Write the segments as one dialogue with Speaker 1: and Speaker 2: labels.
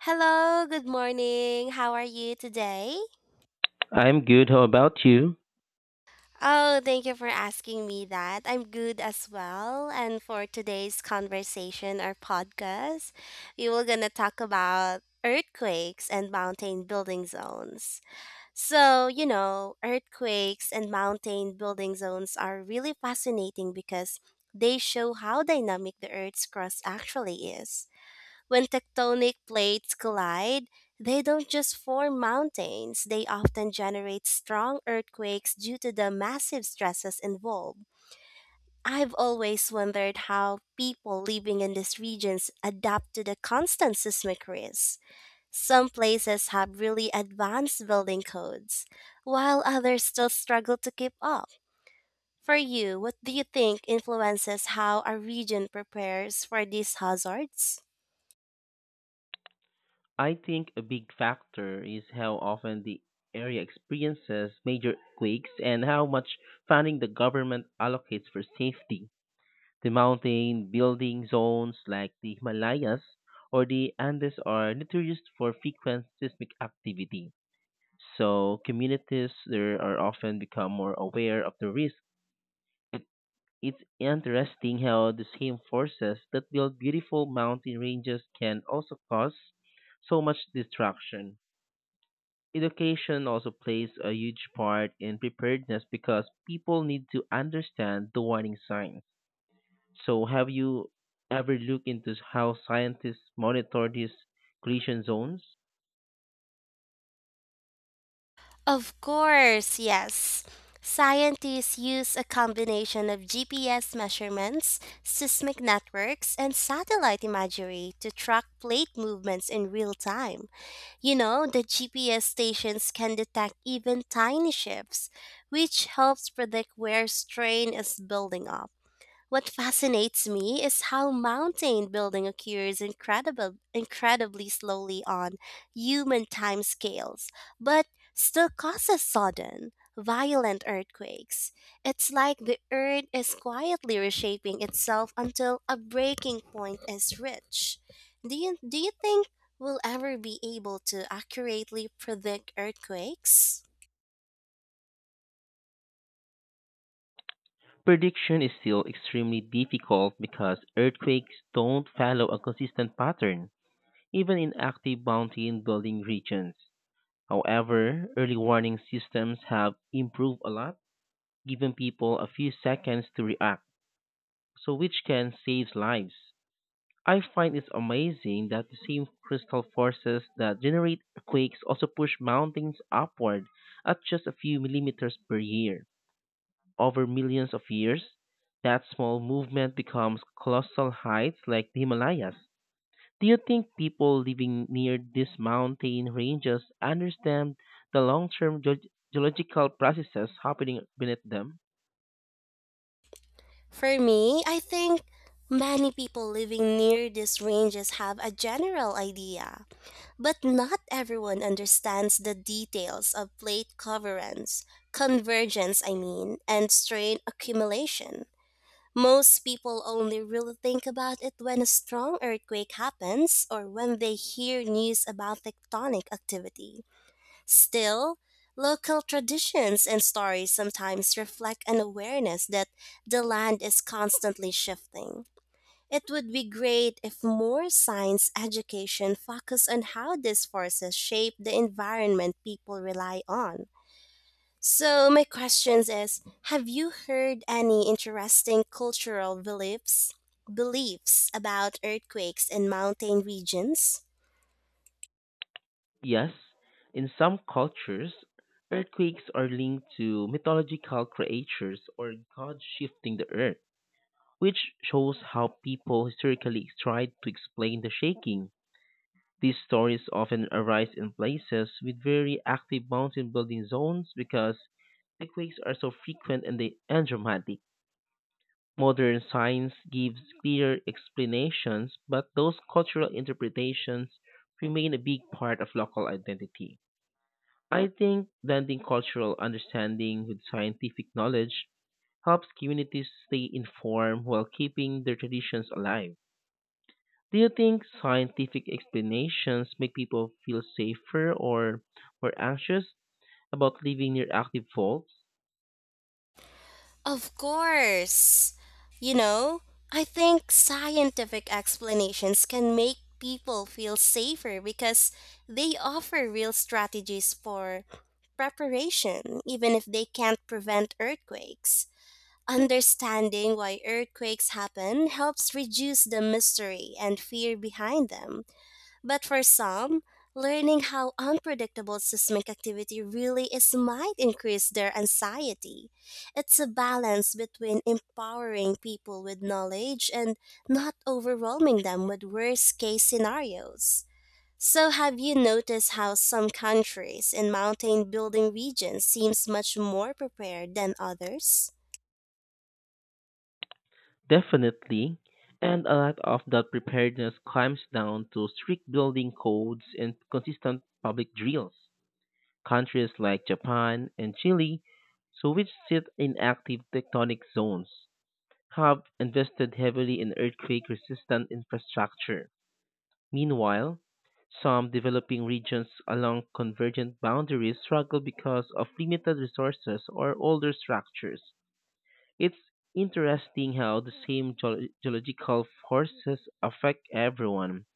Speaker 1: Hello, good morning. How are you today?
Speaker 2: I'm good. How about you?
Speaker 1: Oh, thank you for asking me that. I'm good as well. And for today's conversation or podcast, we were going to talk about earthquakes and mountain building zones. Earthquakes and mountain building zones are really fascinating because they show how dynamic the Earth's crust actually is. When tectonic plates collide, they don't just form mountains, they often generate strong earthquakes due to the massive stresses involved. I've always wondered how people living in these regions adapt to the constant seismic risk. Some places have really advanced building codes, while others still struggle to keep up. For you, what do you think influences how a region prepares for these hazards?
Speaker 2: I think a big factor is how often the area experiences major quakes and how much funding the government allocates for safety. The mountain building zones like the Himalayas or the Andes are notorious for frequent seismic activity. So communities there are often become more aware of the risk. It's interesting how the same forces that build beautiful mountain ranges can also cause so much destruction. Education also plays a huge part in preparedness because people need to understand the warning signs. So, have you ever looked into how scientists monitor these collision zones?
Speaker 1: Of course, yes. Scientists use a combination of GPS measurements, seismic networks, and satellite imagery to track plate movements in real time. The GPS stations can detect even tiny shifts, which helps predict where strain is building up. What fascinates me is how mountain building occurs incredibly slowly on human time scales, but still causes sudden, violent earthquakes. It's like the earth is quietly reshaping itself until a breaking point is reached. Do you think we'll ever be able to accurately predict earthquakes?
Speaker 2: Prediction is still extremely difficult because earthquakes don't follow a consistent pattern, even in active mountain building regions. However, early warning systems have improved a lot, giving people a few seconds to react, so which can save lives. I find it's amazing that the same crystal forces that generate quakes also push mountains upward at just a few millimeters per year. Over millions of years, that small movement becomes colossal heights like the Himalayas. Do you think people living near these mountain ranges understand the long term geological processes happening beneath them?
Speaker 1: For me, I think many people living near these ranges have a general idea, but not everyone understands the details of convergence, I mean, and strain accumulation. Most people only really think about it when a strong earthquake happens or when they hear news about tectonic activity. Still, local traditions and stories sometimes reflect an awareness that the land is constantly shifting. It would be great if more science education focused on how these forces shape the environment people rely on. So, my question is: have you heard any interesting cultural beliefs about earthquakes in mountain regions?
Speaker 2: Yes, in some cultures, earthquakes are linked to mythological creatures or gods shifting the earth, which shows how people historically tried to explain the shaking. These stories often arise in places with very active mountain building zones because earthquakes are so frequent and and dramatic. Modern science gives clear explanations, but those cultural interpretations remain a big part of local identity. I think blending cultural understanding with scientific knowledge helps communities stay informed while keeping their traditions alive. Do you think scientific explanations make people feel safer or more anxious about living near active faults?
Speaker 1: Of course. You know, I think scientific explanations can make people feel safer because they offer real strategies for preparation, even if they can't prevent earthquakes. Understanding why earthquakes happen helps reduce the mystery and fear behind them. But for some, learning how unpredictable seismic activity really is might increase their anxiety. It's a balance between empowering people with knowledge and not overwhelming them with worst case scenarios. So have you noticed how some countries in mountain building regions seems much more prepared than others?
Speaker 2: Definitely. And a lot of that preparedness comes down to strict building codes and consistent public drills. Countries like Japan and Chile, so which sit in active tectonic zones, have invested heavily in earthquake resistant infrastructure. Meanwhile, some developing regions along convergent boundaries struggle because of limited resources or older structures. It's interesting how the same geological forces affect everyone,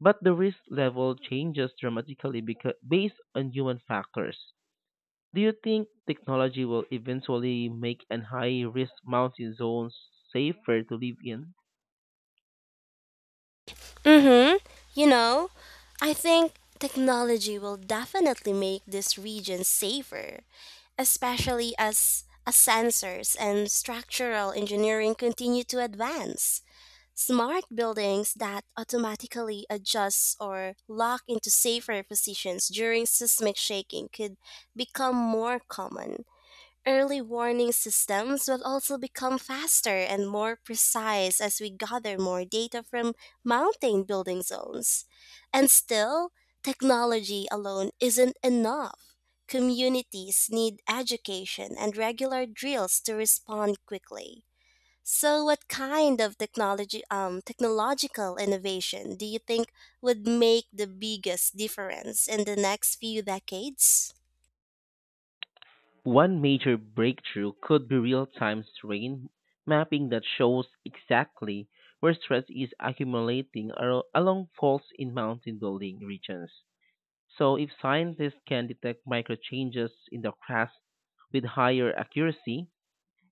Speaker 2: but the risk level changes dramatically because, based on human factors. Do you think technology will eventually make an high risk mountain zone safer to live in?
Speaker 1: Mhm. You know, I think technology will definitely make this region safer, especially as sensors and structural engineering continue to advance. Smart buildings that automatically adjust or lock into safer positions during seismic shaking could become more common. Early warning systems will also become faster and more precise as we gather more data from mountain building zones. And still, technology alone isn't enough. Communities need education and regular drills to respond quickly. So, what kind of technological innovation do you think would make the biggest difference in the next few decades?
Speaker 2: One major breakthrough could be real time strain mapping that shows exactly where stress is accumulating along faults in mountain building regions. So, if scientists can detect micro changes in the crust with higher accuracy,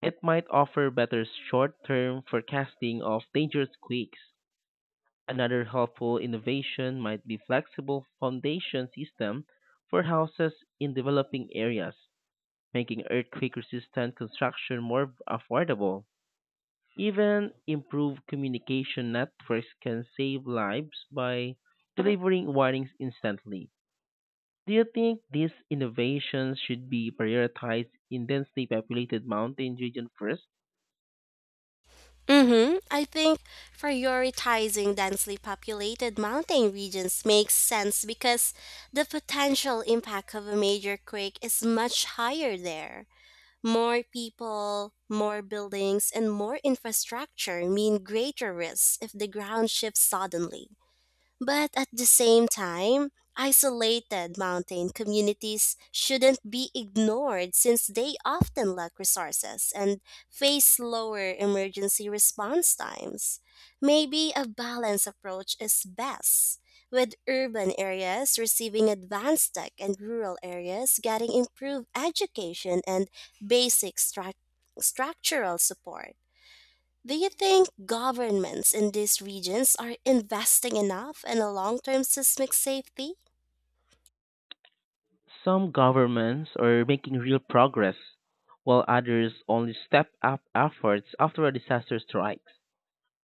Speaker 2: it might offer better short term forecasting of dangerous quakes. Another helpful innovation might be flexible foundation system for houses in developing areas, making earthquake resistant construction more affordable. Even improved communication networks can save lives by delivering warnings instantly. Do you think these innovations should be prioritized in densely populated mountain regions first?
Speaker 1: Mm-hmm. I think prioritizing densely populated mountain regions makes sense because the potential impact of a major quake is much higher there. More people, more buildings, and more infrastructure mean greater risks if the ground shifts suddenly. But at the same time, isolated mountain communities shouldn't be ignored since they often lack resources and face slower emergency response times. Maybe a balanced approach is best, with urban areas receiving advanced tech and rural areas getting improved education and basic struc- structural support. Do you think governments in these regions are investing enough in a long term seismic safety?
Speaker 2: Some governments are making real progress, while others only step up efforts after a disaster strikes,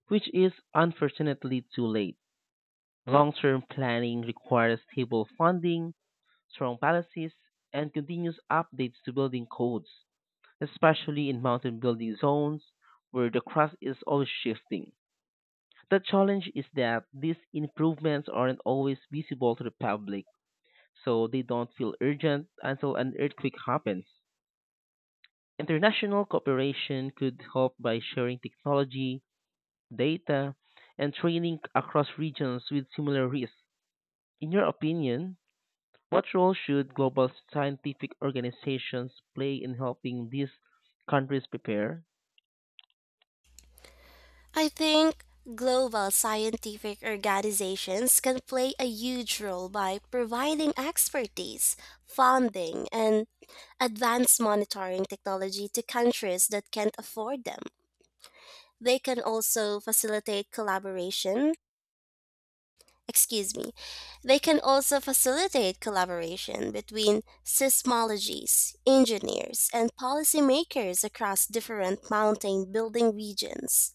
Speaker 2: which is unfortunately too late. Long term planning requires stable funding, strong policies, and continuous updates to building codes, especially in mountain building zones where the crust is always shifting. The challenge is that these improvements aren't always visible to the public, so they don't feel urgent until an earthquake happens. International cooperation could help by sharing technology, data, and training across regions with similar risks. In your opinion, what role should global scientific organizations play in helping these countries prepare?
Speaker 1: I think global scientific organizations can play a huge role by providing expertise, funding, and advanced monitoring technology to countries that can't afford them. They can also facilitate collaboration excuse me, they can also facilitate collaboration between seismologists, engineers, and policymakers across different mountain building regions.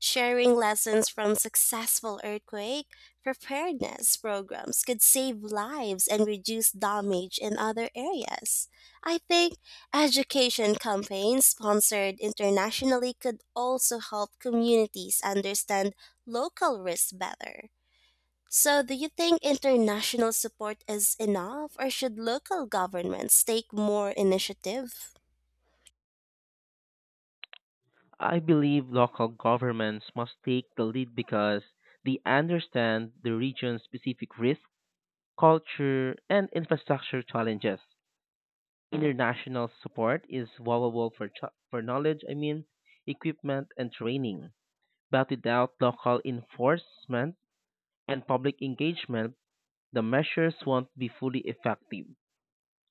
Speaker 1: Sharing lessons from successful earthquake preparedness programs could save lives and reduce damage in other areas. I think education campaigns sponsored internationally could also help communities understand local risks better. So, do you think international support is enough, or should local governments take more initiative?
Speaker 2: I believe local governments must take the lead because they understand the region's specific risk, culture, and infrastructure challenges. International support is valuable for knowledge, I mean, equipment, and training. But without local enforcement and public engagement, the measures won't be fully effective.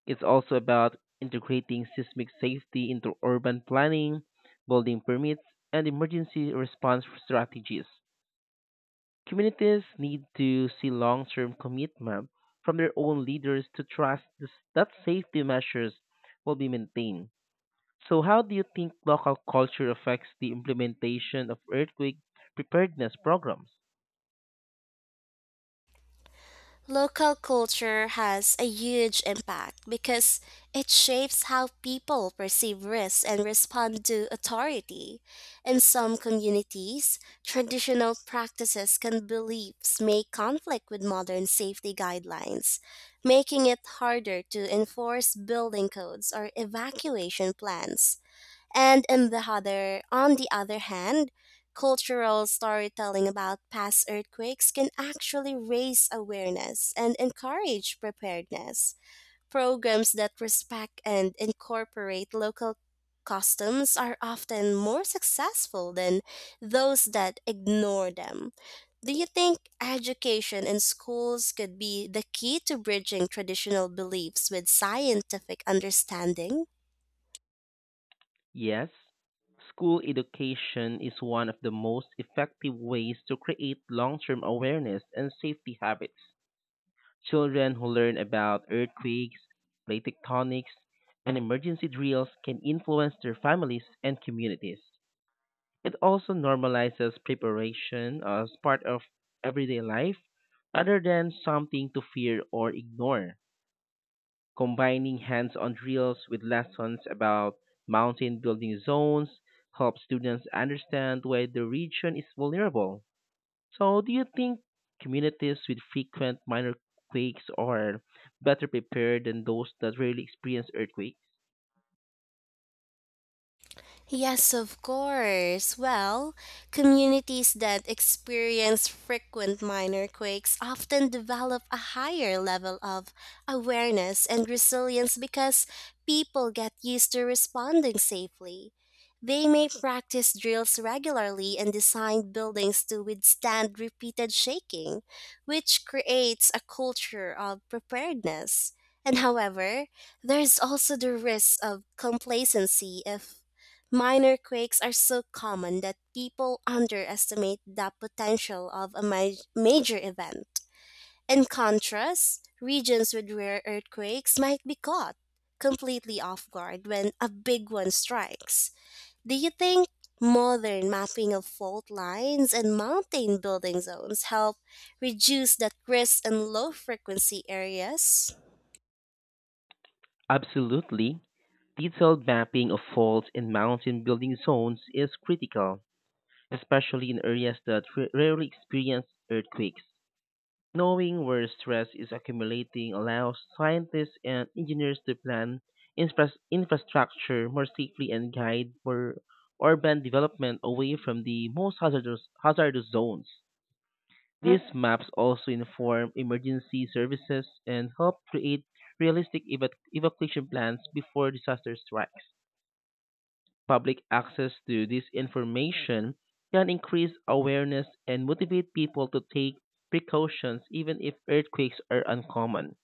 Speaker 2: It's also about integrating seismic safety into urban planning, building permits, and emergency response strategies. Communities need to see long term commitment from their own leaders to trust that safety measures will be maintained. So, how do you think local culture affects the implementation of earthquake preparedness programs?
Speaker 1: Local culture has a huge impact because it shapes how people perceive risks and respond to authority. In some communities, traditional practices and beliefs may conflict with modern safety guidelines, making it harder to enforce building codes or evacuation plans. And on the other hand, cultural storytelling about past earthquakes can actually raise awareness and encourage preparedness. Programs that respect and incorporate local customs are often more successful than those that ignore them. Do you think education in schools could be the key to bridging traditional beliefs with scientific understanding?
Speaker 2: Yes, school education is one of the most effective ways to create long term awareness and safety habits. Children who learn about earthquakes, plate tectonics, and emergency drills can influence their families and communities. It also normalizes preparation as part of everyday life rather than something to fear or ignore. Combining hands on drills with lessons about mountain building zones helps students understand why the region is vulnerable. So, do you think communities with frequent minor quakes are better prepared than those that rarely experience earthquakes?
Speaker 1: Yes, of course. Well, communities that experience frequent minor quakes often develop a higher level of awareness and resilience because people get used to responding safely. They may practice drills regularly and design buildings to withstand repeated shaking, which creates a culture of preparedness. And however, there's also the risk of complacency if minor quakes are so common that people underestimate the potential of a major event. In contrast, regions with rare earthquakes might be caught completely off guard when a big one strikes. Do you think modern mapping of fault lines and mountain building zones help reduce that risk in low frequency areas?
Speaker 2: Absolutely. Detailed mapping of faults in mountain building zones is critical, especially in areas that rarely experience earthquakes. Knowing where stress is accumulating allows scientists and engineers to plan infrastructure more safely and guide for urban development away from the most hazardous zones. These maps also inform emergency services and help create realistic evacuation plans before disaster strikes. Public access to this information can increase awareness and motivate people to take precautions even if earthquakes are uncommon.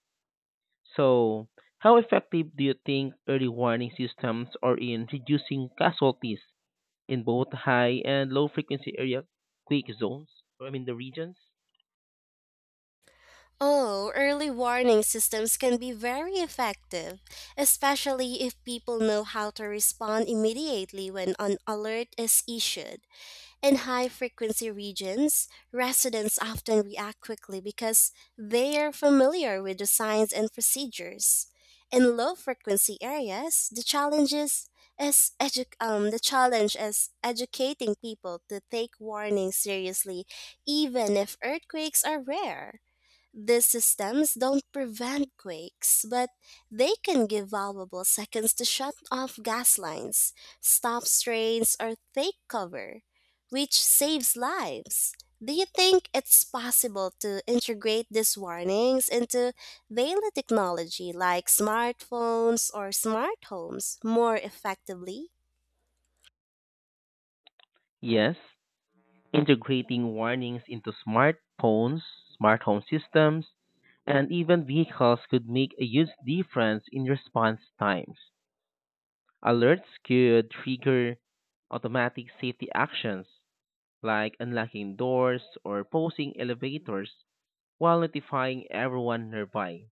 Speaker 2: So, how effective do you think early warning systems are in reducing casualties in both high and low frequency area quake zones? I mean, the regions?
Speaker 1: Oh, early warning systems can be very effective, especially if people know how to respond immediately when an alert is issued. In high frequency regions, residents often react quickly because they are familiar with the signs and procedures. In low frequency areas, the challenge is educating people to take warnings seriously even if earthquakes are rare. These systems don't prevent quakes, but they can give valuable seconds to shut off gas lines, stop strains, or take cover, which saves lives. Do you think it's possible to integrate these warnings into daily technology like smartphones or smart homes more effectively?
Speaker 2: Yes, integrating warnings into smartphones, smart home systems, and even vehicles could make a huge difference in response times. Alerts could trigger automatic safety actions like unlocking doors or pausing elevators while notifying everyone nearby.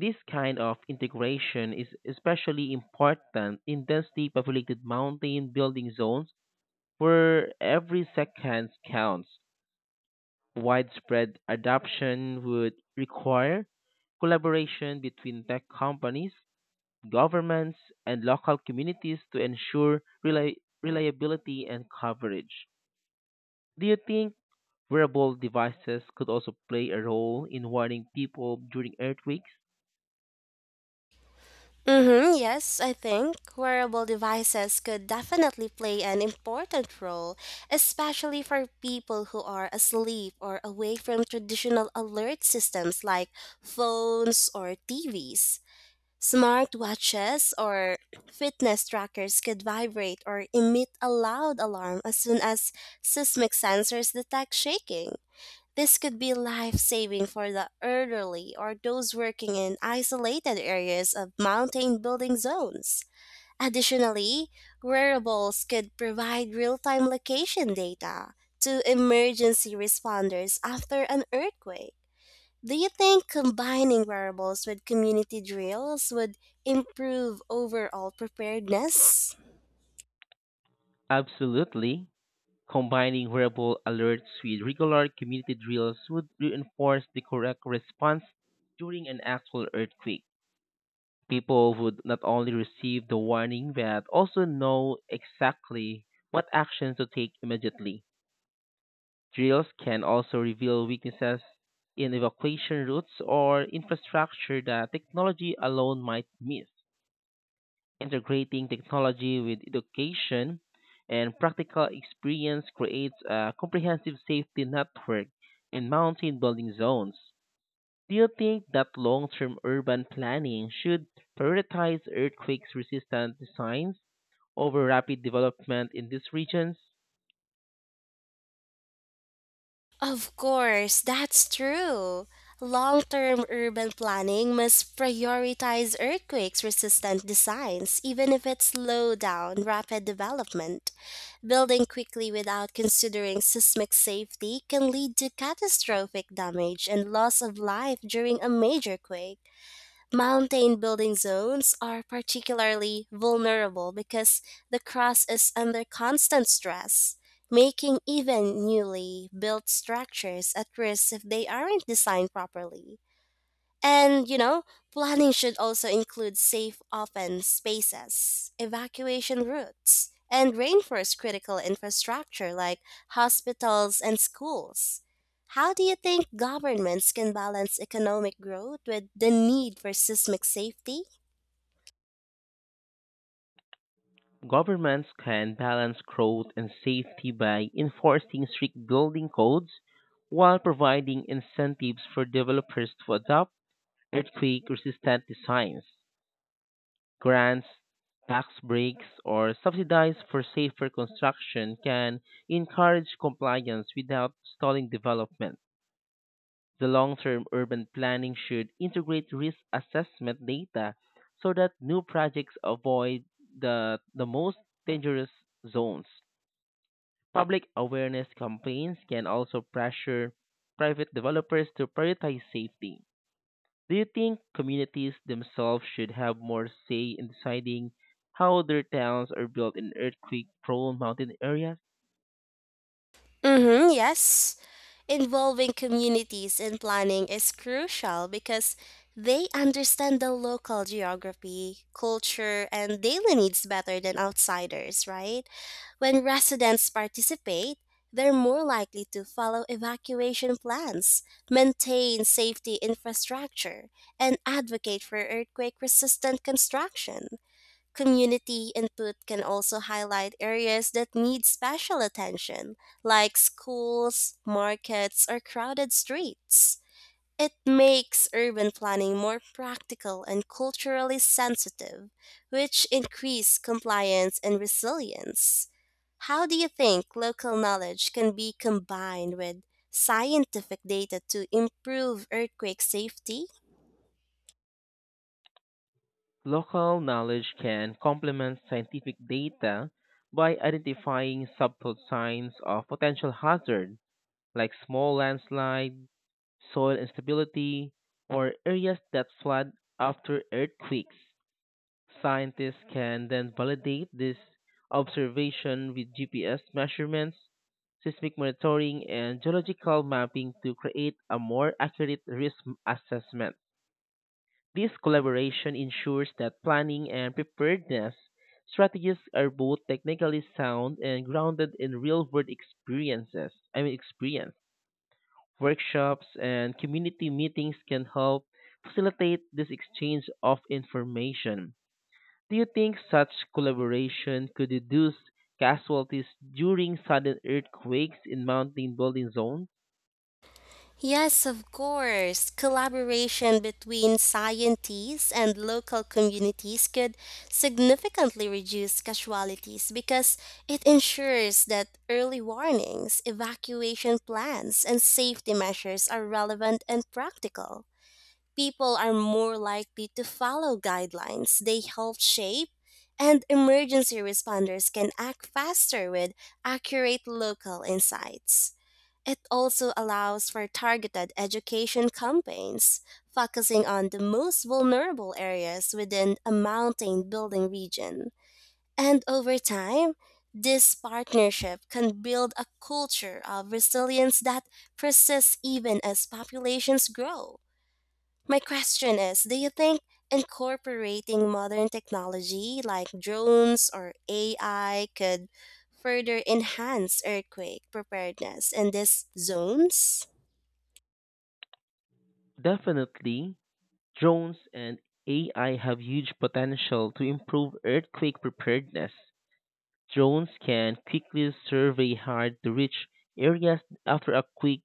Speaker 2: This kind of integration is especially important in densely populated mountain building zones where every second counts. Widespread adoption would require collaboration between tech companies, governments, and local communities to ensure reliability and coverage. Do you think wearable devices could also play a role in warning people during earthquakes?
Speaker 1: Mm-hmm, yes, I think wearable devices could definitely play an important role, especially for people who are asleep or away from traditional alert systems like phones or TVs. Smart watches or fitness trackers could vibrate or emit a loud alarm as soon as seismic sensors detect shaking. This could be life saving for the elderly or those working in isolated areas of mountain building zones. Additionally, wearables could provide real time location data to emergency responders after an earthquake. Do you think combining wearables with community drills would improve overall preparedness?
Speaker 2: Absolutely. Combining wearable alerts with regular community drills would reinforce the correct response during an actual earthquake. People would not only receive the warning but also know exactly what actions to take immediately. Drills can also reveal weaknesses in evacuation routes or infrastructure that technology alone might miss. Integrating technology with education and practical experience creates a comprehensive safety network in mountain building zones. Do you think that long-term urban planning should prioritize earthquake-resistant designs over rapid development in these regions?
Speaker 1: Of course, that's true. Long term urban planning must prioritize earthquakes resistant designs, even if it slows down rapid development. Building quickly without considering seismic safety can lead to catastrophic damage and loss of life during a major quake. Mountain building zones are particularly vulnerable because the crust is under constant stress, making even newly built structures at risk if they aren't designed properly. And, planning should also include safe open spaces, evacuation routes, and reinforce critical infrastructure like hospitals and schools. How do you think governments can balance economic growth with the need for seismic safety?
Speaker 2: Governments can balance growth and safety by enforcing strict building codes while providing incentives for developers to adopt earthquake-resistant designs. Grants, tax breaks, or subsidies for safer construction can encourage compliance without stalling development. The long-term urban planning should integrate risk assessment data so that new projects avoid the most dangerous zones. Public awareness campaigns can also pressure private developers to prioritize safety. Do you think communities themselves should have more say in deciding how their towns are built in earthquake prone mountain areas?
Speaker 1: Mm-hmm, yes. Involving communities in planning is crucial because they understand the local geography, culture, and daily needs better than outsiders, right? When residents participate, they're more likely to follow evacuation plans, maintain safety infrastructure, and advocate for earthquake resistant construction. Community input can also highlight areas that need special attention, like schools, markets, or crowded streets. It makes urban planning more practical and culturally sensitive, which increase compliance and resilience. How do you think local knowledge can be combined with scientific data to improve earthquake safety?
Speaker 2: Local knowledge can complement scientific data by identifying subtle signs of potential hazard, like small landslides, soil instability, or areas that flood after earthquakes. Scientists can then validate this observation with GPS measurements, seismic monitoring, and geological mapping to create a more accurate risk assessment. This collaboration ensures that planning and preparedness strategies are both technically sound and grounded in real-world experiences. I mean experience. Workshops and community meetings can help facilitate this exchange of information. Do you think such collaboration could reduce casualties during sudden earthquakes in mountain building zones?
Speaker 1: Yes, of course. Collaboration between scientists and local communities could significantly reduce casualties because it ensures that early warnings, evacuation plans, and safety measures are relevant and practical. People are more likely to follow guidelines they help shape, and emergency responders can act faster with accurate local insights. It also allows for targeted education campaigns, focusing on the most vulnerable areas within a mountain building region. And over time, this partnership can build a culture of resilience that persists even as populations grow. My question is: do you think incorporating modern technology like drones or AI could further enhance earthquake preparedness in these zones?
Speaker 2: Definitely. Drones and AI have huge potential to improve earthquake preparedness. Drones can quickly survey hard to reach areas after a quake,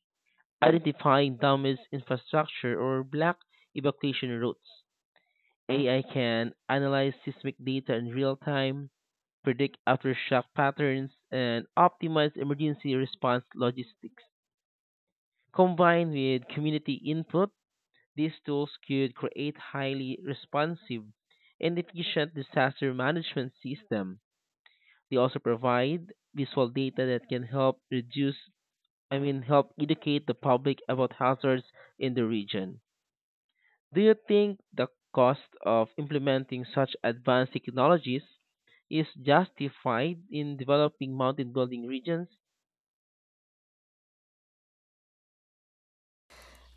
Speaker 2: identifying damaged infrastructure or block evacuation routes. AI can analyze seismic data in real time, predict aftershock patterns, and optimize emergency response logistics. Combined with community input, these tools could create highly responsive and efficient disaster management system. They also provide visual data that can help help educate the public about hazards in the region. Do you think the cost of implementing such advanced technologies is justified in developing mountain building regions?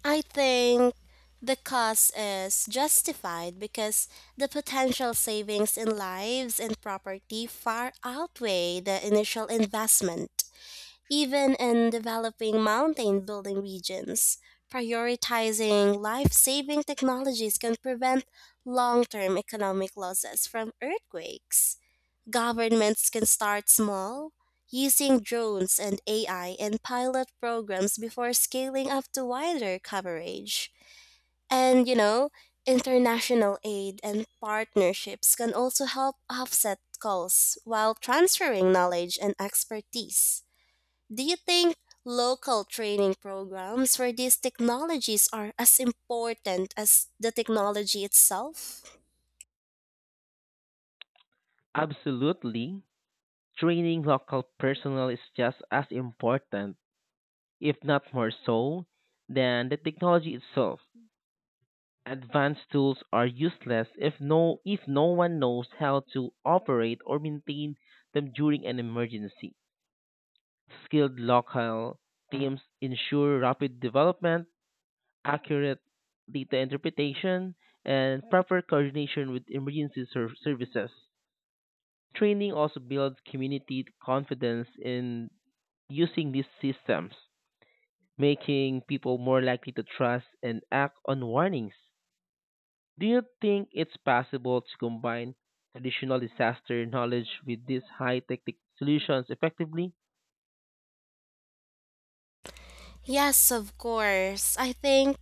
Speaker 1: I think the cost is justified because the potential savings in lives and property far outweigh the initial investment. Even in developing mountain building regions, prioritizing life saving technologies can prevent long term economic losses from earthquakes. Governments can start small, using drones and AI in pilot programs before scaling up to wider coverage. And international aid and partnerships can also help offset costs while transferring knowledge and expertise. Do you think local training programs for these technologies are as important as the technology itself?
Speaker 2: Absolutely. Training local personnel is just as important, if not more so, than the technology itself. Advanced tools are useless if no one knows how to operate or maintain them during an emergency. Skilled local teams ensure rapid development, accurate data interpretation, and proper coordination with emergency services. Training also builds community confidence in using these systems, making people more likely to trust and act on warnings. Do you think it's possible to combine traditional disaster knowledge with these high tech solutions effectively?
Speaker 1: Yes, of course. I think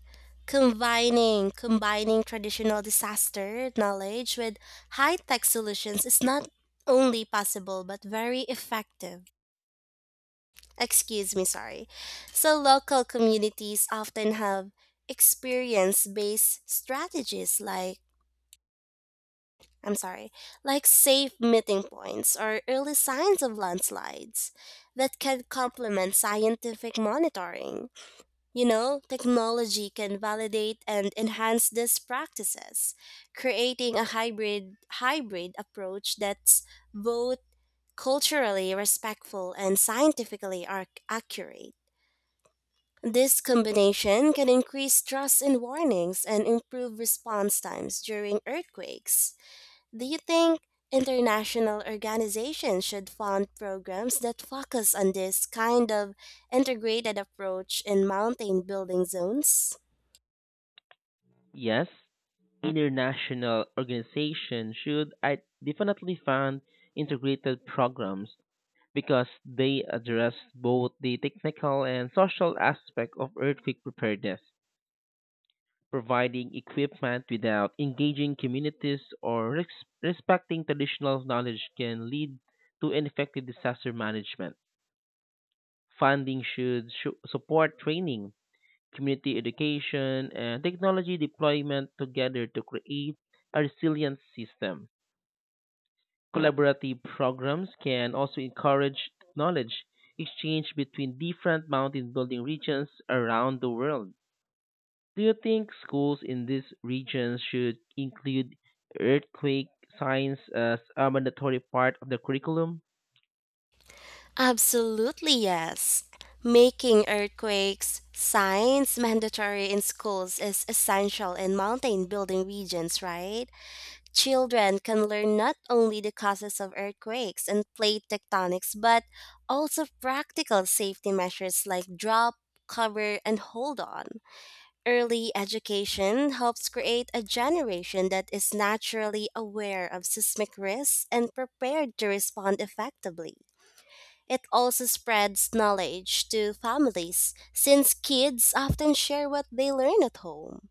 Speaker 1: combining traditional disaster knowledge with high-tech solutions is not only possible but very effective. Excuse me, sorry. So local communities often have experience-based strategies like, I'm sorry, like safe meeting points or early signs of landslides that can complement scientific monitoring. Technology can validate and enhance these practices, creating a hybrid approach that's both culturally respectful and scientifically accurate. This combination can increase trust in warnings and improve response times during earthquakes. Do you think international organizations should fund programs that focus on this kind of integrated approach in mountain building zones?
Speaker 2: Yes, international organizations should I definitely fund integrated programs because they address both the technical and social aspect of earthquake preparedness. Providing equipment without engaging communities or respecting traditional knowledge can lead to ineffective disaster management. Funding should support training, community education, and technology deployment together to create a resilient system. Collaborative programs can also encourage knowledge exchange between different mountain building regions around the world. Do you think schools in these regions should include earthquake science as a mandatory part of the curriculum?
Speaker 1: Absolutely, yes. Making earthquakes science mandatory in schools is essential in mountain building regions, right? Children can learn not only the causes of earthquakes and plate tectonics, but also practical safety measures like drop, cover, and hold on. Early education helps create a generation that is naturally aware of seismic risks and prepared to respond effectively. It also spreads knowledge to families since kids often share what they learn at home.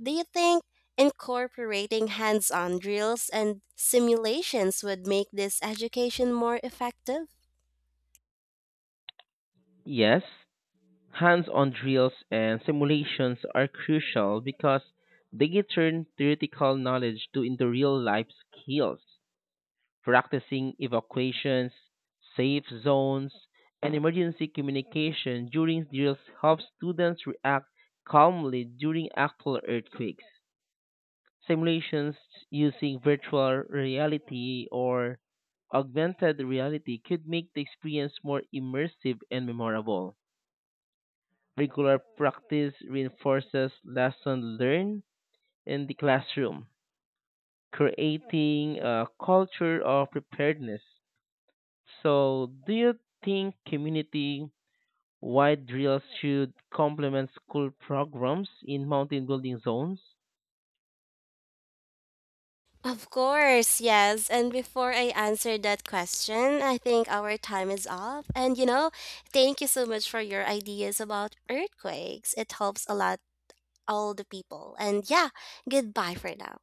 Speaker 1: Do you think incorporating hands on drills and simulations would make this education more effective?
Speaker 2: Yes, hands on drills and simulations are crucial because they can turn theoretical knowledge to into real life skills. Practicing evacuations, safe zones, and emergency communication during drills helps students react calmly during actual earthquakes. Simulations using virtual reality or augmented reality could make the experience more immersive and memorable. Regular practice reinforces lessons learned in the classroom, creating a culture of preparedness. So, do you think community wide drills should complement school programs in mountain building zones?
Speaker 1: Of course, yes. And before I answer that question, I think our time is up. And thank you so much for your ideas about earthquakes. It helps a lot all the people. And yeah, goodbye for now.